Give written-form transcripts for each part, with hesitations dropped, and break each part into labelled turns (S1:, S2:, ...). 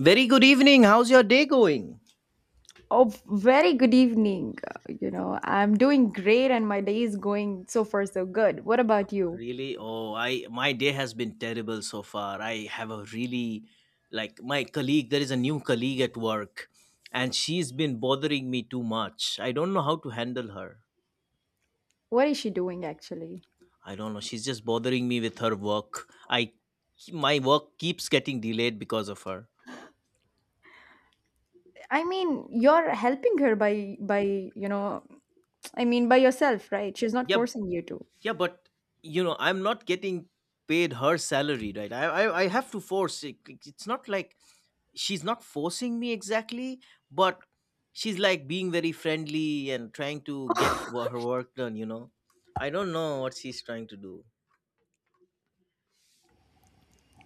S1: Very good evening. How's your day going?
S2: Oh, very good evening. I'm doing great and my day is going so far so good. What about you?
S1: Really? Oh, I my day has been terrible so far. I have a really like my colleague, there is a new colleague at work and she's been bothering me too much. I don't know how to handle her.
S2: What is she doing actually?
S1: I don't know. She's just bothering me with her work. I My work keeps getting delayed because of her.
S2: I mean, you're helping her by you know, I mean by yourself, right? She's not
S1: Yeah,
S2: forcing you to.
S1: yeah, but I'm not getting paid her salary, right? I have to force it. It's not like she's not forcing me exactly, but she's like being very friendly and trying to get her work done. I don't know what she's trying to do.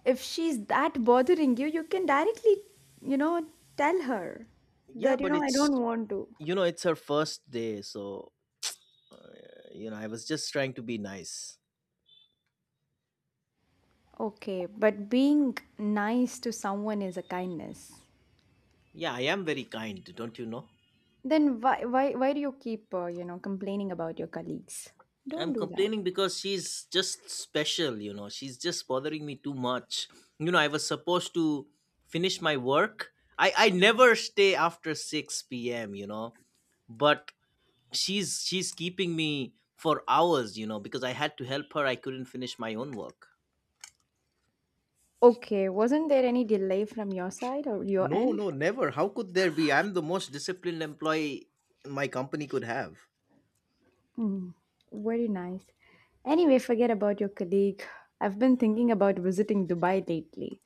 S2: If she's that bothering you, you can directly, you know, tell her
S1: Yeah,
S2: that,
S1: but
S2: I
S1: it's
S2: don't want to.
S1: it's her first day, so I was just trying to be nice.
S2: Okay, but being nice to someone is a kindness.
S1: Yeah, I am very kind, don't you know?
S2: Then why do you keep complaining about your colleagues? Don't
S1: I'm
S2: do that.
S1: complaining because she's just special. She's just bothering me too much. You know, I was supposed to finish my work. I never stay after 6 p.m. but she's keeping me for hours because I had to help her, I couldn't finish my own work.
S2: Okay, wasn't there any delay from your side or your
S1: No,
S2: end?
S1: no, never. How could there be? I'm the most disciplined employee my company could have.
S2: Mm, very nice. Anyway, forget about your colleague. I've been thinking about visiting Dubai lately.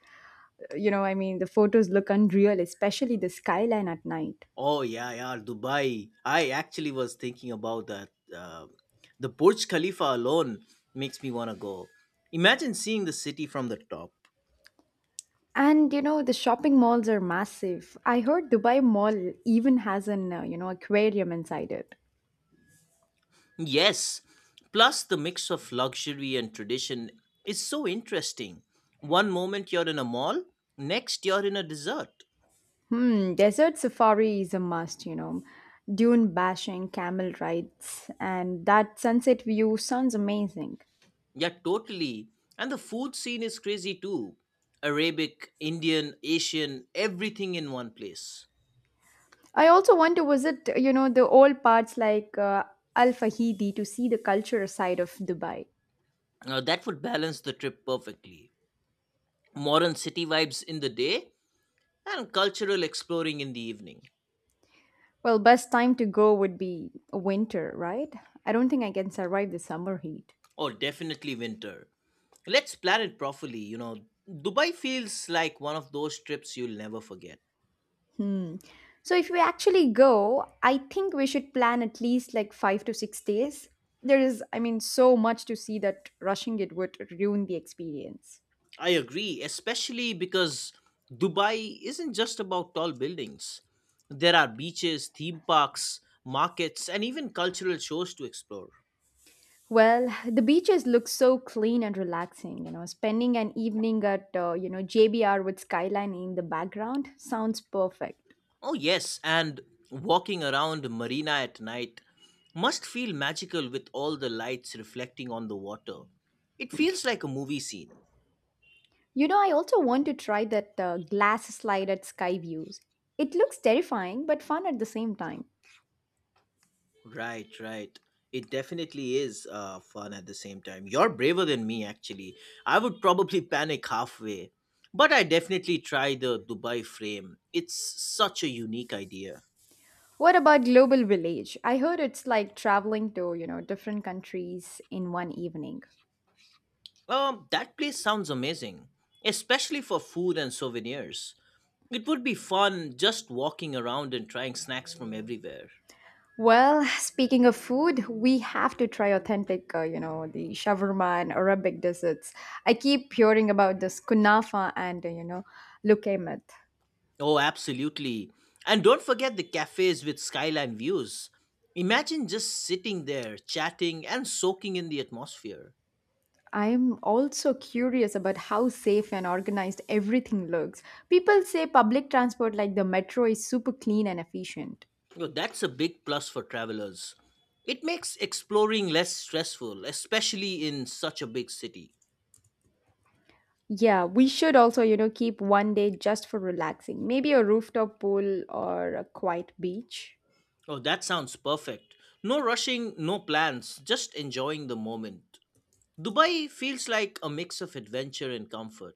S2: I mean, the photos look unreal, especially the skyline at night.
S1: Oh, yeah, yeah, Dubai, I actually was thinking about that. uh, the Burj Khalifa alone makes me want to go. Imagine seeing the city from the top.
S2: And the shopping malls are massive. I heard Dubai Mall even has an, you know, aquarium inside it.
S1: Yes. Plus, the mix of luxury and tradition is so interesting. One moment you're in a mall, next you're in a dessert.
S2: Hmm, desert safari is a must. Dune bashing, camel rides, and that sunset view sounds amazing.
S1: Yeah, totally. And the food scene is crazy too. Arabic, Indian, Asian, everything in one place.
S2: I also want to visit, the old parts like Al Fahidi to see the cultural side of Dubai.
S1: Now that would balance the trip perfectly. Modern city vibes in the day and cultural exploring in the evening.
S2: Well, best time to go would be winter, right? I don't think I can survive the summer heat.
S1: Or definitely winter. Let's plan it properly, you know. Dubai feels like one of those trips you'll never forget.
S2: So if we actually go, I think we should plan at least like 5 to 6 days. There is, I mean, so much to see that rushing it would ruin the experience.
S1: I agree, especially because Dubai isn't just about tall buildings. There are beaches, theme parks, markets, and even cultural shows to explore.
S2: Well, the beaches look so clean and relaxing. Spending an evening at JBR with skyline in the background sounds perfect.
S1: Oh, yes, and walking around Marina at night must feel magical with all the lights reflecting on the water. It feels like a movie scene.
S2: I also want to try that glass slide at Sky Views. It looks terrifying but fun at the same time.
S1: Right, right. It definitely is fun at the same time. You're braver than me, actually. I would probably panic halfway. But I definitely try the Dubai frame. It's such a unique idea.
S2: What about Global Village? I heard it's like traveling to different countries in one evening.
S1: That place sounds amazing, especially for food and souvenirs. It would be fun just walking around and trying snacks from everywhere.
S2: Well, speaking of food, we have to try authentic, the shawarma and Arabic desserts. I keep hearing about this kunafa and, you know, lukaimat.
S1: Oh, absolutely. And don't forget the cafes with skyline views. Imagine just sitting there, chatting, and soaking in the atmosphere.
S2: I'm also curious about how safe and organized everything looks. People say public transport like the metro is super clean and efficient.
S1: Yo, that's a big plus for travelers. It makes exploring less stressful, especially in such a big city.
S2: Yeah, we should also, keep one day just for relaxing. Maybe a rooftop pool or a quiet beach.
S1: Oh, that sounds perfect. No rushing, no plans, just enjoying the moment. Dubai feels like a mix of adventure and comfort.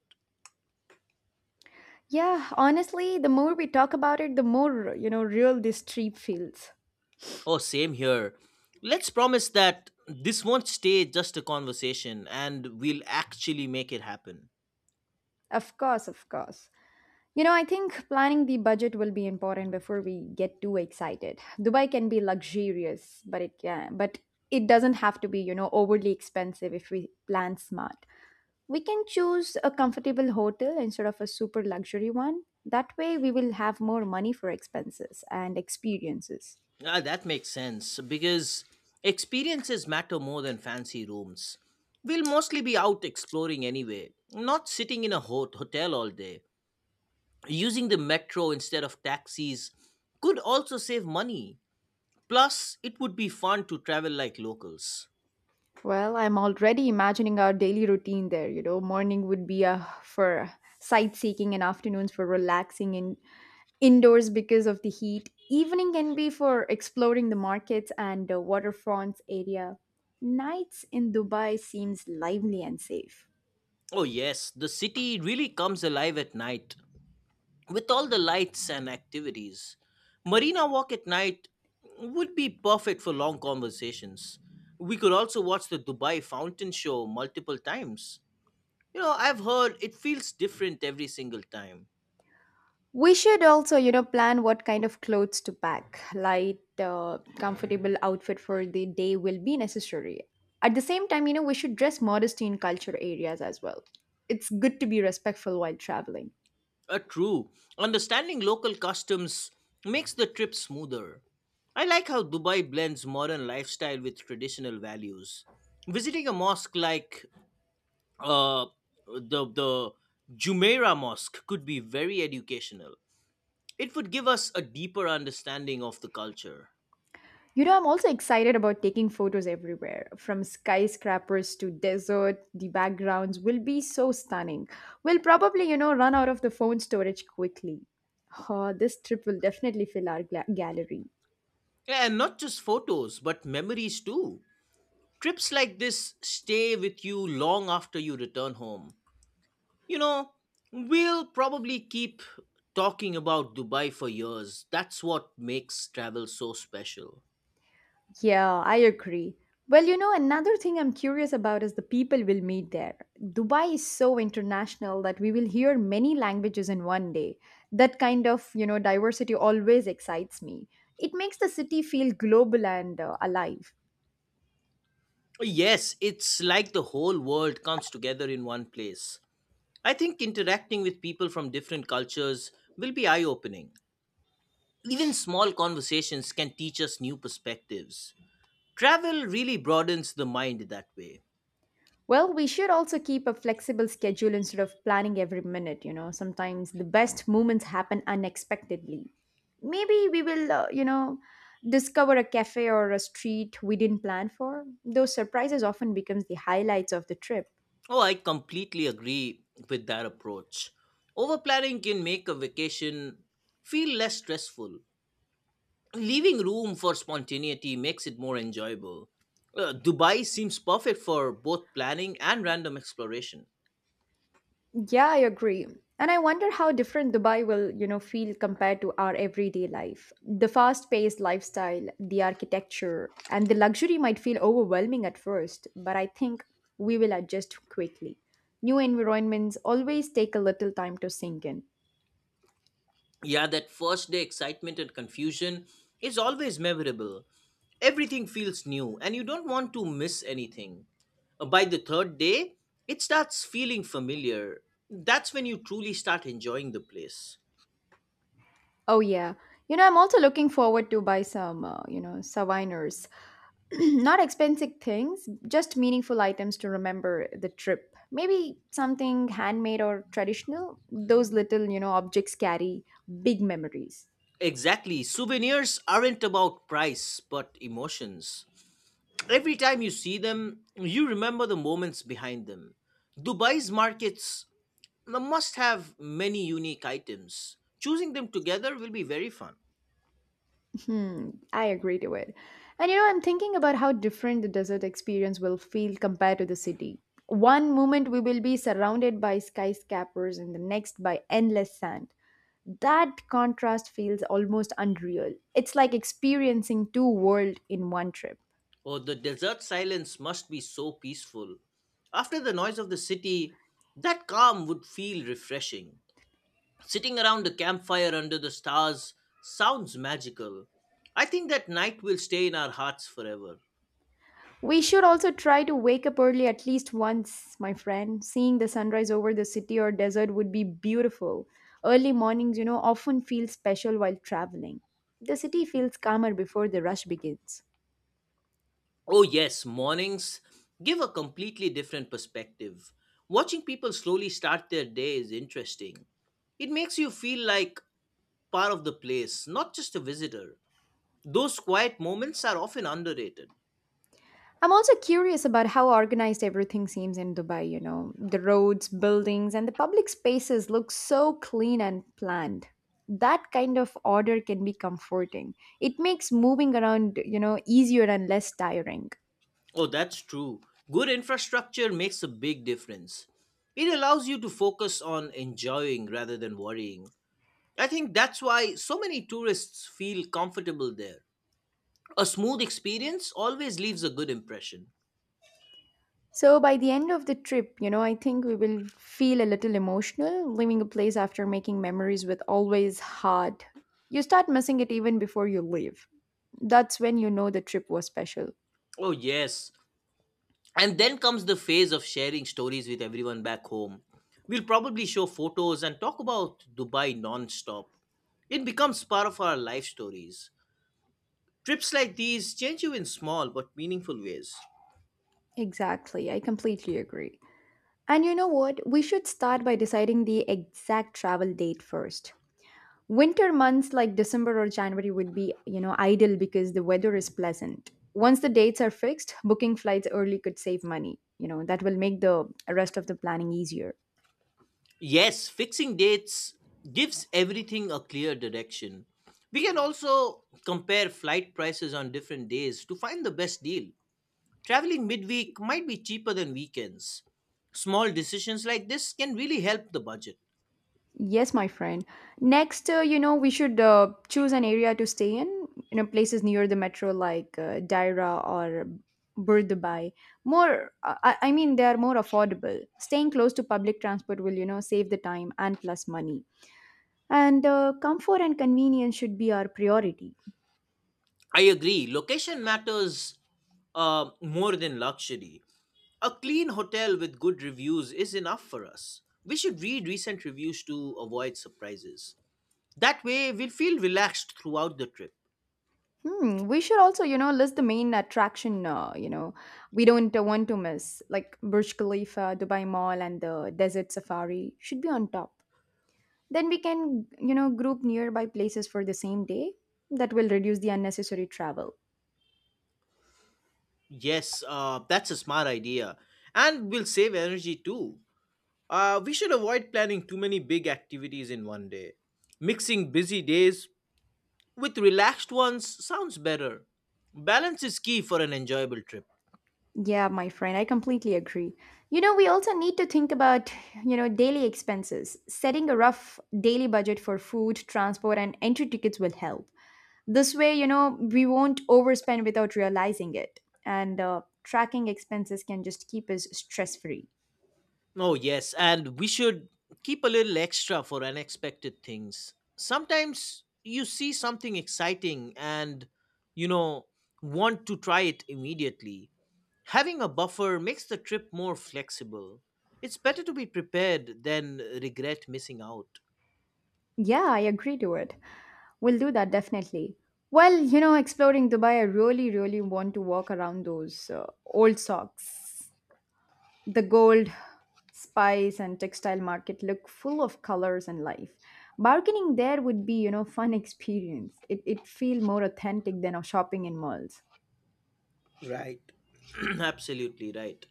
S2: Yeah, honestly, the more we talk about it, the more, real this trip feels.
S1: Oh, same here. Let's promise that this won't stay just a conversation and we'll actually make it happen.
S2: Of course, of course. I think planning the budget will be important before we get too excited. Dubai can be luxurious, but it doesn't have to be, overly expensive if we plan smart. We can choose a comfortable hotel instead of a super luxury one. That way, we will have more money for expenses and experiences.
S1: Ah, that makes sense because experiences matter more than fancy rooms. We'll mostly be out exploring anyway, not sitting in a hot hotel all day. Using the metro instead of taxis could also save money. Plus, it would be fun to travel like locals.
S2: Well, I'm already imagining our daily routine there. Morning would be for sightseeing and afternoons for relaxing in indoors because of the heat. Evening can be for exploring the markets and the waterfronts area. Nights in Dubai seems lively and safe.
S1: Oh, yes, the city really comes alive at night. With all the lights and activities, Marina Walk at night would be perfect for long conversations. We could also watch the Dubai Fountain Show multiple times. You know, I've heard it feels different every single time.
S2: We should also, plan what kind of clothes to pack. Light, comfortable outfit for the day will be necessary. At the same time, we should dress modestly in culture areas as well. It's good to be respectful while traveling.
S1: True. Understanding local customs makes the trip smoother. I like how Dubai blends modern lifestyle with traditional values. Visiting a mosque like uh, the Jumeirah Mosque could be very educational. It would give us a deeper understanding of the culture.
S2: I'm also excited about taking photos everywhere, from skyscrapers to desert. The backgrounds will be so stunning. We'll probably, run out of the phone storage quickly. Oh, this trip will definitely fill our gallery.
S1: And not just photos, but memories too. Trips like this stay with you long after you return home. You know, we'll probably keep talking about Dubai for years. That's what makes travel so special.
S2: Yeah, I agree. Well, another thing I'm curious about is the people we'll meet there. Dubai is so international that we will hear many languages in one day. That kind of, diversity always excites me. It makes the city feel global and alive.
S1: Yes, it's like the whole world comes together in one place. I think interacting with people from different cultures will be eye opening. Even small conversations can teach us new perspectives. Travel really broadens the mind that way.
S2: Well, we should also keep a flexible schedule instead of planning every minute. Sometimes the best moments happen unexpectedly. Maybe we will, discover a cafe or a street we didn't plan for. Those surprises often becomes the highlights of the trip.
S1: Oh, I completely agree with that approach. Overplanning can make a vacation feel less stressful. Leaving room for spontaneity makes it more enjoyable. Dubai seems perfect for both planning and random exploration.
S2: Yeah, I agree. And I wonder how different Dubai will, feel compared to our everyday life. The fast-paced lifestyle, the architecture, and the luxury might feel overwhelming at first, but I think we will adjust quickly. New environments always take a little time to sink in.
S1: Yeah, that first day excitement and confusion is always memorable. Everything feels new and you don't want to miss anything. By the third day, it starts feeling familiar. That's when you truly start enjoying the place.
S2: Oh yeah. I'm also looking forward to buy some, souvenirs. Not expensive things, just meaningful items to remember the trip. Maybe something handmade or traditional. Those little, objects carry big memories.
S1: Exactly. Souvenirs aren't about price, but emotions. Every time you see them, you remember the moments behind them. Dubai's markets must have many unique items. Choosing them together will be very fun.
S2: Hmm, I agree to it. And I'm thinking about how different the desert experience will feel compared to the city. One moment we will be surrounded by skyscrapers and the next by endless sand. That contrast feels almost unreal. It's like experiencing two worlds in one trip.
S1: Oh, the desert silence must be so peaceful. After the noise of the city, that calm would feel refreshing. Sitting around a campfire under the stars sounds magical. I think that night will stay in our hearts forever.
S2: We should also try to wake up early at least once, my friend. Seeing the sunrise over the city or desert would be beautiful. Early mornings, often feel special while traveling. The city feels calmer before the rush begins.
S1: Oh, yes, mornings give a completely different perspective. Watching people slowly start their day is interesting. It makes you feel like part of the place, not just a visitor. Those quiet moments are often underrated.
S2: I'm also curious about how organized everything seems in Dubai. The roads, buildings, and the public spaces look so clean and planned. That kind of order can be comforting. It makes moving around, easier and less tiring.
S1: Oh, that's true. Good infrastructure makes a big difference. It allows you to focus on enjoying rather than worrying. I think that's why so many tourists feel comfortable there. A smooth experience always leaves a good impression.
S2: So by the end of the trip, I think we will feel a little emotional. Leaving a place after making memories with always hard. You start missing it even before you leave. That's when you know the trip was special.
S1: Oh, yes. And then comes the phase of sharing stories with everyone back home. We'll probably show photos and talk about Dubai non-stop. It becomes part of our life stories. Trips like these change you in small but meaningful ways.
S2: Exactly. I completely agree. And you know what? We should start by deciding the exact travel date first. Winter months like December or January would be, ideal because the weather is pleasant. Once the dates are fixed, booking flights early could save money. That will make the rest of the planning easier.
S1: Yes, fixing dates gives everything a clear direction. We can also compare flight prices on different days to find the best deal. Traveling midweek might be cheaper than weekends. Small decisions like this can really help the budget.
S2: Yes, my friend. Next, we should choose an area to stay in, places near the metro like Daira or Burdubai. I mean, they are more affordable. Staying close to public transport will, save the time and plus money. And comfort and convenience should be our priority.
S1: I agree, location matters more than luxury. A clean hotel with good reviews is enough for us. We should read recent reviews to avoid surprises. That way, we'll feel relaxed throughout the trip.
S2: Hmm, we should also, list the main attraction, we don't want to miss, like Burj Khalifa, Dubai Mall, and the Desert Safari should be on top. Then we can, group nearby places for the same day. That will reduce the unnecessary travel.
S1: Yes, that's a smart idea. And we'll save energy too. We should avoid planning too many big activities in one day. Mixing busy days with relaxed ones sounds better. Balance is key for an enjoyable trip.
S2: Yeah, my friend, I completely agree. We also need to think about, daily expenses. Setting a rough daily budget for food, transport, and entry tickets will help. This way, we won't overspend without realizing it. And tracking expenses can just keep us stress free.
S1: Oh, yes, and we should keep a little extra for unexpected things. Sometimes you see something exciting and, you know, want to try it immediately. Having a buffer makes the trip more flexible. It's better to be prepared than regret missing out.
S2: Yeah, I agree to it. We'll do that definitely. Well, exploring Dubai, I really, really want to walk around those old socks. The gold, spice, and textile market look full of colors and life. Bargaining there would be, fun experience. It feel more authentic than shopping in malls.
S1: Right. Absolutely right.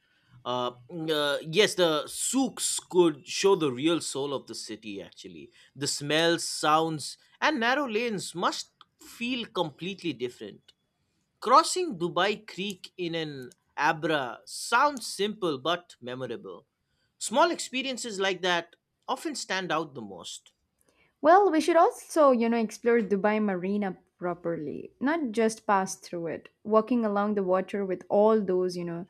S1: Yes, the souks could show the real soul of the city, actually. The smells, sounds, and narrow lanes must feel completely different. Crossing Dubai Creek in an Abra sounds simple but memorable. Small experiences like that often stand out the most.
S2: Well, we should also, explore Dubai Marina properly, not just pass through it. Walking along the water with all those,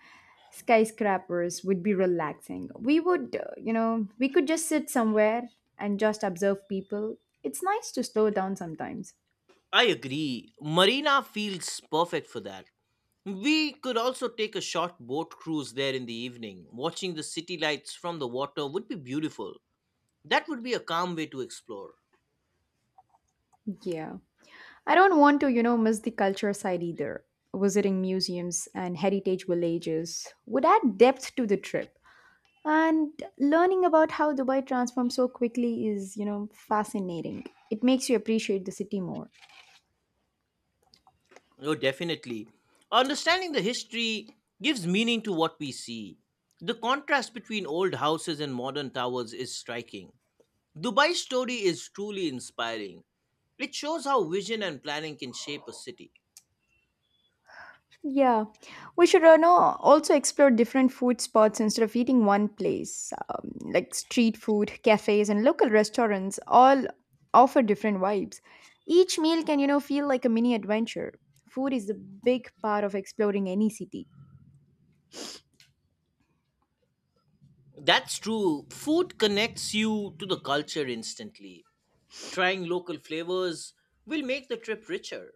S2: skyscrapers would be relaxing. We would, you know, we could just sit somewhere and just observe people. It's nice to slow down sometimes.
S1: I agree. Marina feels perfect for that. We could also take a short boat cruise there in the evening. Watching the city lights from the water would be beautiful. That would be a calm way to explore.
S2: Yeah. I don't want to, miss the culture side either. Visiting museums and heritage villages would add depth to the trip. And learning about how Dubai transformed so quickly is, fascinating. It makes you appreciate the city more.
S1: Oh, definitely. Understanding the history gives meaning to what we see. The contrast between old houses and modern towers is striking. Dubai's story is truly inspiring. It shows how vision and planning can shape a city.
S2: Yeah, we should know also explore different food spots instead of eating one place, like street food, cafes, and local restaurants. All offer different vibes. Each meal can, feel like a mini adventure. Food is a big part of exploring any city.
S1: That's true. Food connects you to the culture instantly. Trying local flavors will make the trip richer.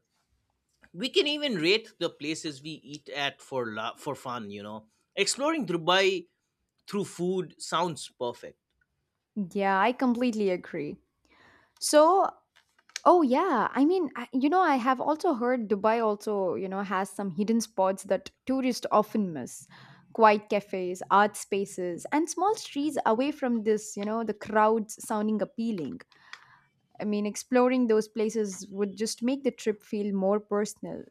S1: We can even rate the places we eat at for fun, you know. Exploring Dubai through food sounds perfect.
S2: Yeah, I completely agree. So, Oh yeah, I mean, I have also heard Dubai also, has some hidden spots that tourists often miss. Quiet cafes, art spaces, and small streets away from the crowds sounding appealing. I mean, exploring those places would just make the trip feel more personal.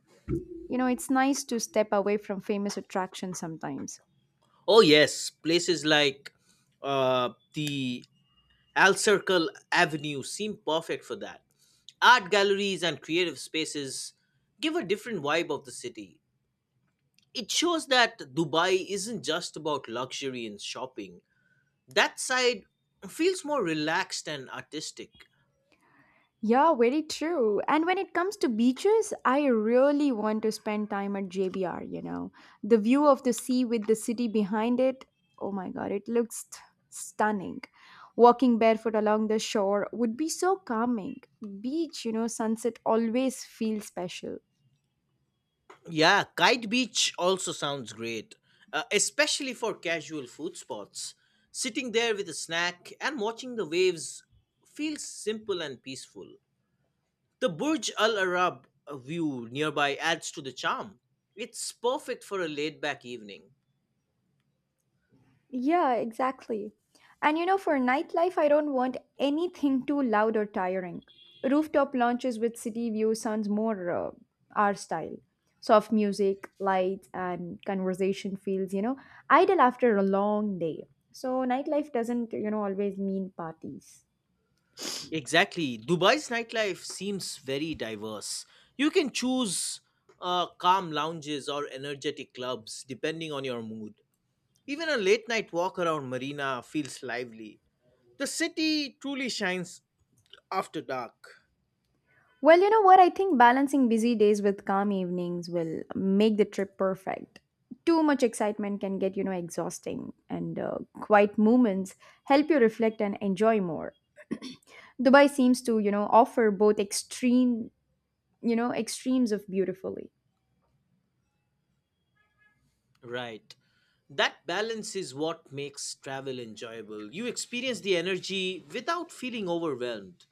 S2: It's nice to step away from famous attractions sometimes.
S1: Oh yes, places like the Al Circle Avenue seem perfect for that. Art galleries and creative spaces give a different vibe of the city. It shows that Dubai isn't just about luxury and shopping. That side feels more relaxed and artistic.
S2: Yeah, very true. And when it comes to beaches, I really want to spend time at JBR. The view of the sea with the city behind it, oh my god, it looks stunning. Walking barefoot along the shore would be so calming. Beach, sunset always feels special.
S1: Yeah, Kite Beach also sounds great, especially for casual food spots. Sitting there with a snack and watching the waves feels simple and peaceful. The Burj Al Arab view nearby adds to the charm. It's perfect for a laid back evening.
S2: Yeah, exactly. And for nightlife, I don't want anything too loud or tiring. Rooftop lounges with city view sounds more our style. Soft music, lights, and conversation feels, ideal after a long day. So nightlife doesn't, always mean parties.
S1: Exactly. Dubai's nightlife seems very diverse. You can choose calm lounges or energetic clubs depending on your mood. Even a late night walk around Marina feels lively. The city truly shines after dark.
S2: Well, you know what? I think balancing busy days with calm evenings will make the trip perfect. Too much excitement can get, exhausting, and quiet moments help you reflect and enjoy more. Dubai seems to, offer both extreme, extremes of beautifully.
S1: Right. That balance is what makes travel enjoyable. You experience the energy without feeling overwhelmed.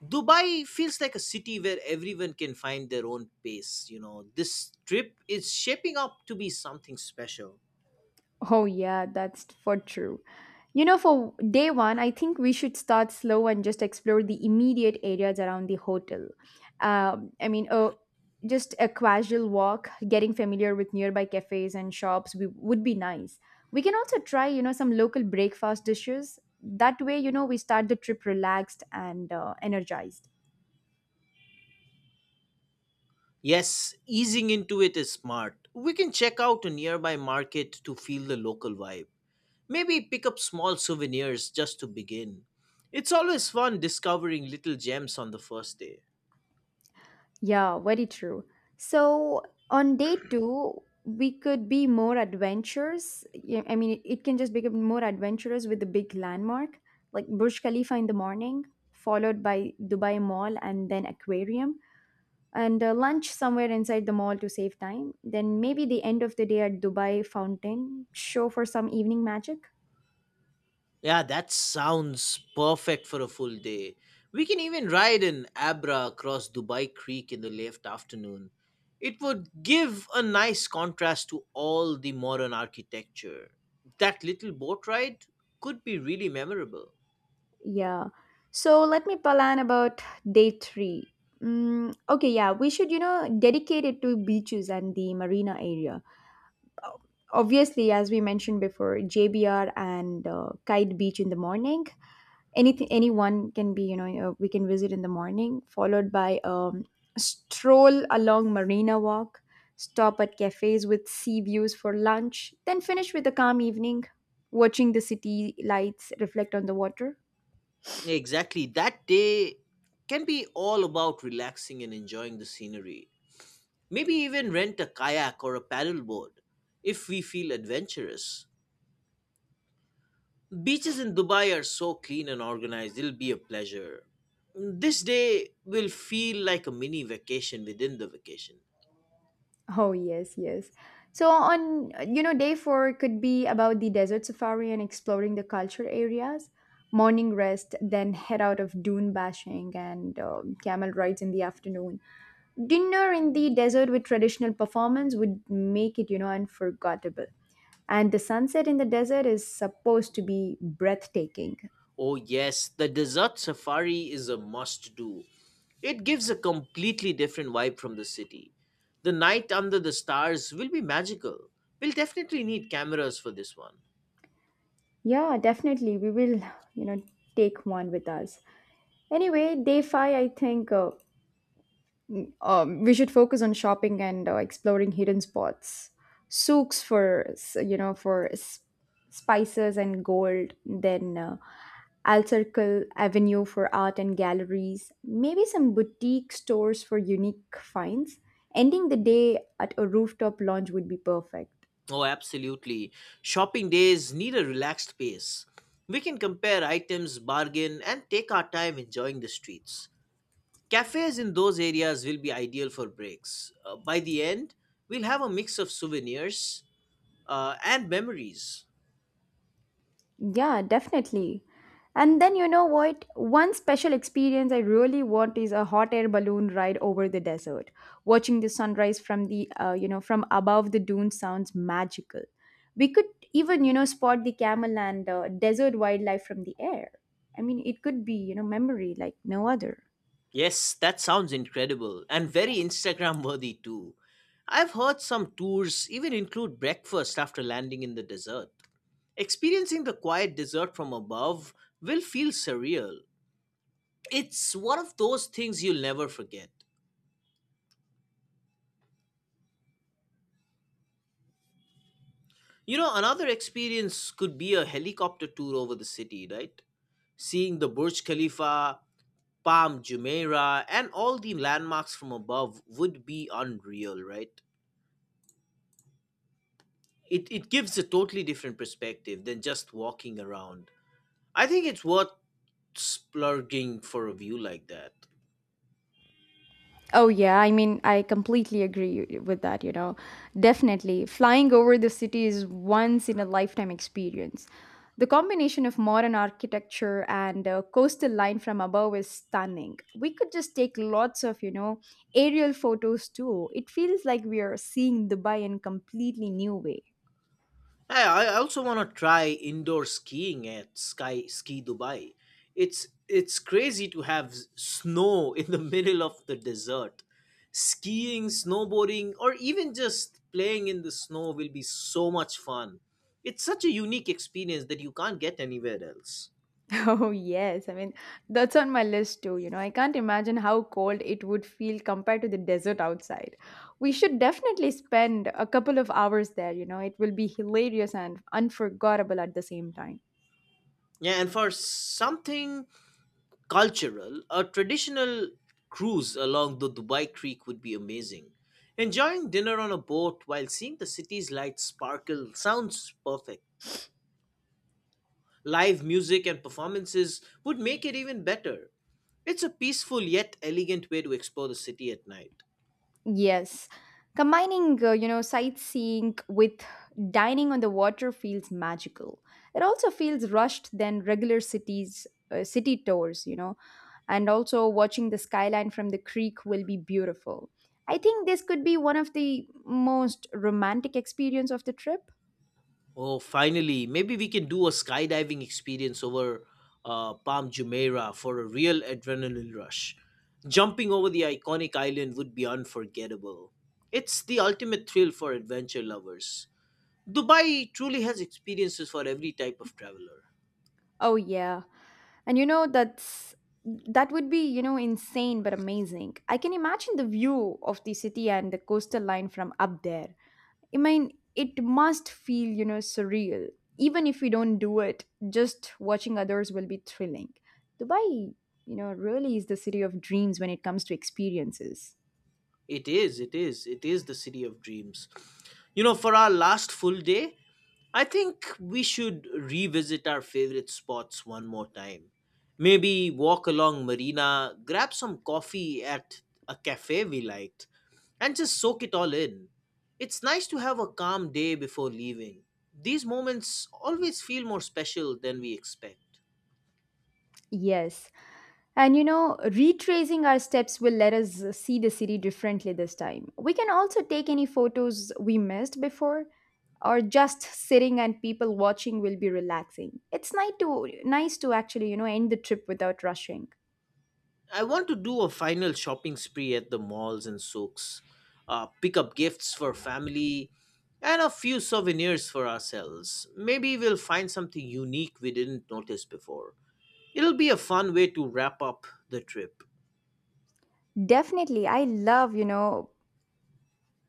S1: Dubai feels like a city where everyone can find their own pace. You know, this trip is shaping up to be something special.
S2: Oh, yeah, that's for true. You know, for day one, I think we should start slow and just explore the immediate areas around the hotel. Um, I mean, uh, just a casual walk, getting familiar with nearby cafes and shops we, would be nice. We can also try, you know, some local breakfast dishes. That way, you know, we start the trip relaxed and energized.
S1: Yes, easing into it is smart. We can check out a nearby market to feel the local vibe. Maybe pick up small souvenirs just to begin. It's always fun discovering little gems on the first day.
S2: Yeah, very true. So on day two, we could be more adventurous. Yeah, I mean, it can just become more adventurous with the big landmark, like Burj Khalifa in the morning, followed by Dubai Mall and then Aquarium, and lunch somewhere inside the mall to save time. Then maybe the end of the day at Dubai Fountain, show for some evening magic.
S1: Yeah, that sounds perfect for a full day. We can even ride in Abra across Dubai Creek in the late afternoon. It would give a nice contrast to all the modern architecture. That little boat ride could be really memorable.
S2: Yeah. So let me plan about day three. Mm, okay, yeah, we should, you know, dedicate it to beaches and the marina area. O- Obviously, as we mentioned before, JBR and Kite Beach in the morning. Anyone can be, we can visit in the morning, followed by stroll along Marina Walk, stop at cafes with sea views for lunch, then finish with a calm evening, watching the city lights reflect on the water.
S1: Exactly, that day can be all about relaxing and enjoying the scenery. Maybe even rent a kayak or a paddleboard if we feel adventurous. Beaches in Dubai are so clean and organized, it'll be a pleasure. This day will feel like a mini vacation within the vacation.
S2: Oh, yes, yes. So on, day four could be about the desert safari and exploring the culture areas, morning rest, then head out of dune bashing and camel rides in the afternoon. Dinner in the desert with traditional performance would make it, unforgettable. And the sunset in the desert is supposed to be breathtaking.
S1: Oh, yes, the desert safari is a must do. It gives a completely different vibe from the city. The night under the stars will be magical. We'll definitely need cameras for this one.
S2: Yeah, definitely. We will, you know, take one with us. Anyway, day five, I think. We should focus on shopping and exploring hidden spots souks for spices and gold then al circle avenue for art and galleries maybe some boutique stores for unique finds ending the day at a rooftop lounge would be perfect.
S1: Oh, absolutely. Shopping days need a relaxed pace. We can compare items, bargain, and take our time enjoying the streets. Cafes in those areas will be ideal for breaks. By the end, we'll have a mix of souvenirs and memories.
S2: Yeah, definitely. And then you know what? One special experience I really want is a hot air balloon ride over the desert. Watching the sunrise from the you know from above the dunes sounds magical. We could even, you know, spot the camel and desert wildlife from the air. I mean, it could be, you know, memory like no other.
S1: Yes, that sounds incredible and very Instagram worthy too. I've heard some tours even include breakfast after landing in the desert. Experiencing the quiet desert from above will feel surreal. It's one of those things you'll never forget. You know, another experience could be a helicopter tour over the city, right? Seeing the Burj Khalifa, Palm Jumeirah, and all the landmarks from above would be unreal, right? It gives a totally different perspective than just walking around. I think it's worth splurging for a view like that.
S2: Oh, yeah. I mean, I completely agree with that, you know. Definitely. Flying over the city is once in a lifetime experience. The combination of modern architecture and a coastal line from above is stunning. We could just take lots of, you know, aerial photos too. It feels like we are seeing Dubai in a completely new way.
S1: Hey, I also want to try indoor skiing at Sky Ski Dubai. It's crazy to have snow in the middle of the desert. Skiing, snowboarding, or even just playing in the snow will be so much fun. It's such a unique experience that you can't get anywhere else.
S2: Oh, yes. I mean, that's on my list too. You know, I can't imagine how cold it would feel compared to the desert outside. We should definitely spend a couple of hours there. You know, it will be hilarious and unforgettable at the same time.
S1: Yeah, and for something cultural, a traditional cruise along the Dubai Creek would be amazing. Enjoying dinner on a boat while seeing the city's lights sparkle sounds perfect. Live music and performances would make it even better. It's a peaceful yet elegant way to explore the city at night.
S2: Yes. Combining, sightseeing with dining on the water feels magical. It also feels rushed than regular cities city tours, you know. And also watching the skyline from the creek will be beautiful. I think this could be one of the most romantic experience of the trip.
S1: Oh, finally, maybe we can do a skydiving experience over Palm Jumeirah for a real adrenaline rush. Jumping over the iconic island would be unforgettable. It's the ultimate thrill for adventure lovers. Dubai truly has experiences for every type of traveler.
S2: Oh yeah. And you know that would be, insane but amazing. I can imagine the view of the city and the coastal line from up there. I mean, it must feel, surreal. Even if we don't do it, just watching others will be thrilling. Dubai, really is the city of dreams when it comes to experiences.
S1: It is the city of dreams. You know, for our last full day, I think we should revisit our favorite spots one more time. Maybe walk along Marina, grab some coffee at a cafe we liked, and just soak it all in. It's nice to have a calm day before leaving. These moments always feel more special than we expect.
S2: Yes. And you know, retracing our steps will let us see the city differently this time. We can also take any photos we missed before, or just sitting and people watching will be relaxing. It's nice to nice to actually, end the trip without rushing.
S1: I want to do a final shopping spree at the malls and souks, pick up gifts for family, and a few souvenirs for ourselves. Maybe we'll find something unique we didn't notice before. It'll be a fun way to wrap up the trip.
S2: Definitely. I love,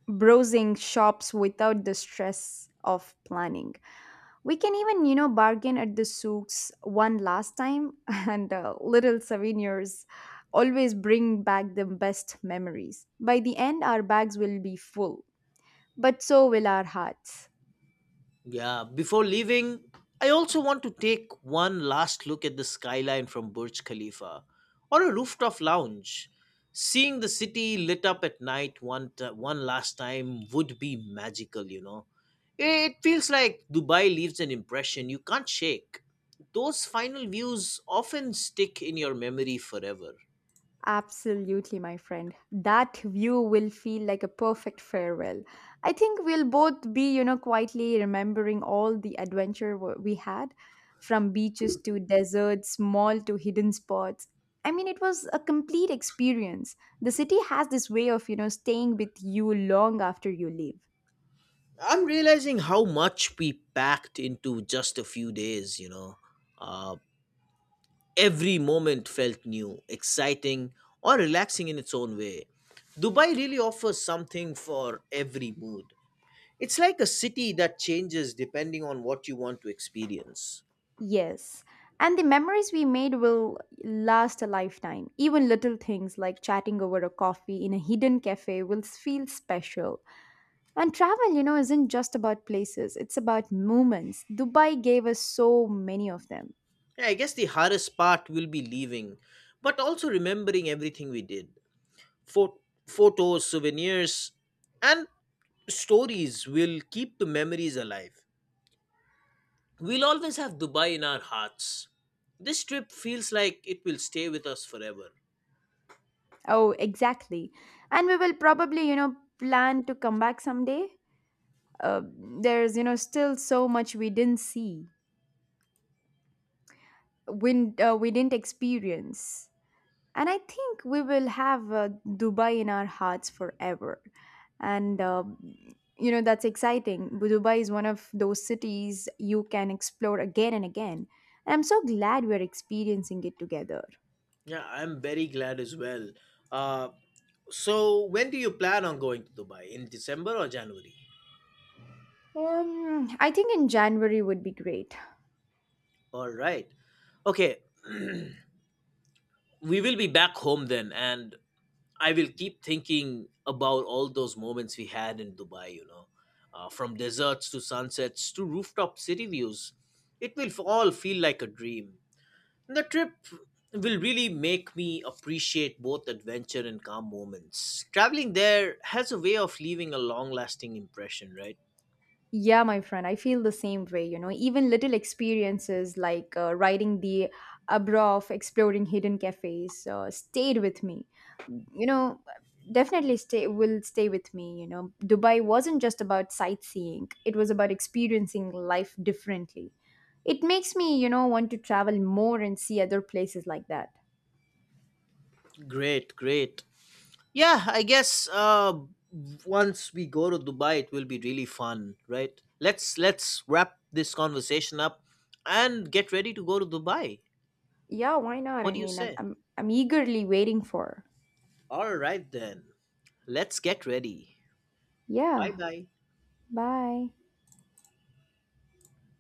S2: browsing shops without the stress of planning. We can even, bargain at the souks one last time, and little souvenirs always bring back the best memories. By the end, our bags will be full, but so will our hearts.
S1: Yeah, before leaving, I also want to take one last look at the skyline from Burj Khalifa or a rooftop lounge. Seeing the city lit up at night one last time would be magical, you know. It feels like Dubai leaves an impression you can't shake. Those final views often stick in your memory forever.
S2: Absolutely, my friend. That view will feel like a perfect farewell. I think we'll both be, quietly remembering all the adventure we had from beaches to deserts, mall to hidden spots. I mean, it was a complete experience. The city has this way of, staying with you long after you leave.
S1: I'm realizing how much we packed into just a few days, you know. Uh, Every moment felt new, exciting, or relaxing in its own way. Dubai really offers something for every mood. It's like a city that changes depending on what you want to experience.
S2: Yes. And the memories we made will last a lifetime. Even little things like chatting over a coffee in a hidden cafe will feel special. And travel, isn't just about places, it's about moments. Dubai gave us so many of them.
S1: Yeah, I guess the hardest part will be leaving, but also remembering everything we did. Pho- Photos, souvenirs, and stories will keep the memories alive. We'll always have Dubai in our hearts. This trip feels like it will stay with us forever.
S2: Oh, exactly. And we will probably, plan to come back someday. Uh, there's, still so much we didn't see, we didn't experience. And I think we will have Dubai in our hearts forever. And you know that's exciting. Dubai is one of those cities you can explore again and again. And I'm so glad we're experiencing it together.
S1: Yeah, I'm very glad as well. Uh, so, when do you plan on going to Dubai? In December or January?
S2: I think in January would be great.
S1: All right. Okay, we will be back home then, and I will keep thinking about all those moments we had in Dubai, you know, from deserts to sunsets to rooftop city views. It will all feel like a dream. The trip will really make me appreciate both adventure and calm moments. Traveling there has a way of leaving a long lasting impression, right?
S2: Yeah, my friend, I feel the same way. You know, even little experiences like riding the Abrov, exploring hidden cafes, stayed with me. You know, definitely stay will stay with me. You know, Dubai wasn't just about sightseeing; it was about experiencing life differently. It makes me, want to travel more and see other places like that.
S1: Great, great. Yeah, I guess once we go to Dubai, it will be really fun, right? Let's wrap this conversation up and get ready to go to Dubai.
S2: Yeah, why not? I
S1: What do you
S2: mean,
S1: say?
S2: I'm eagerly waiting for.
S1: All right then. Let's get ready. Bye
S2: Yeah.
S1: bye.
S2: Bye.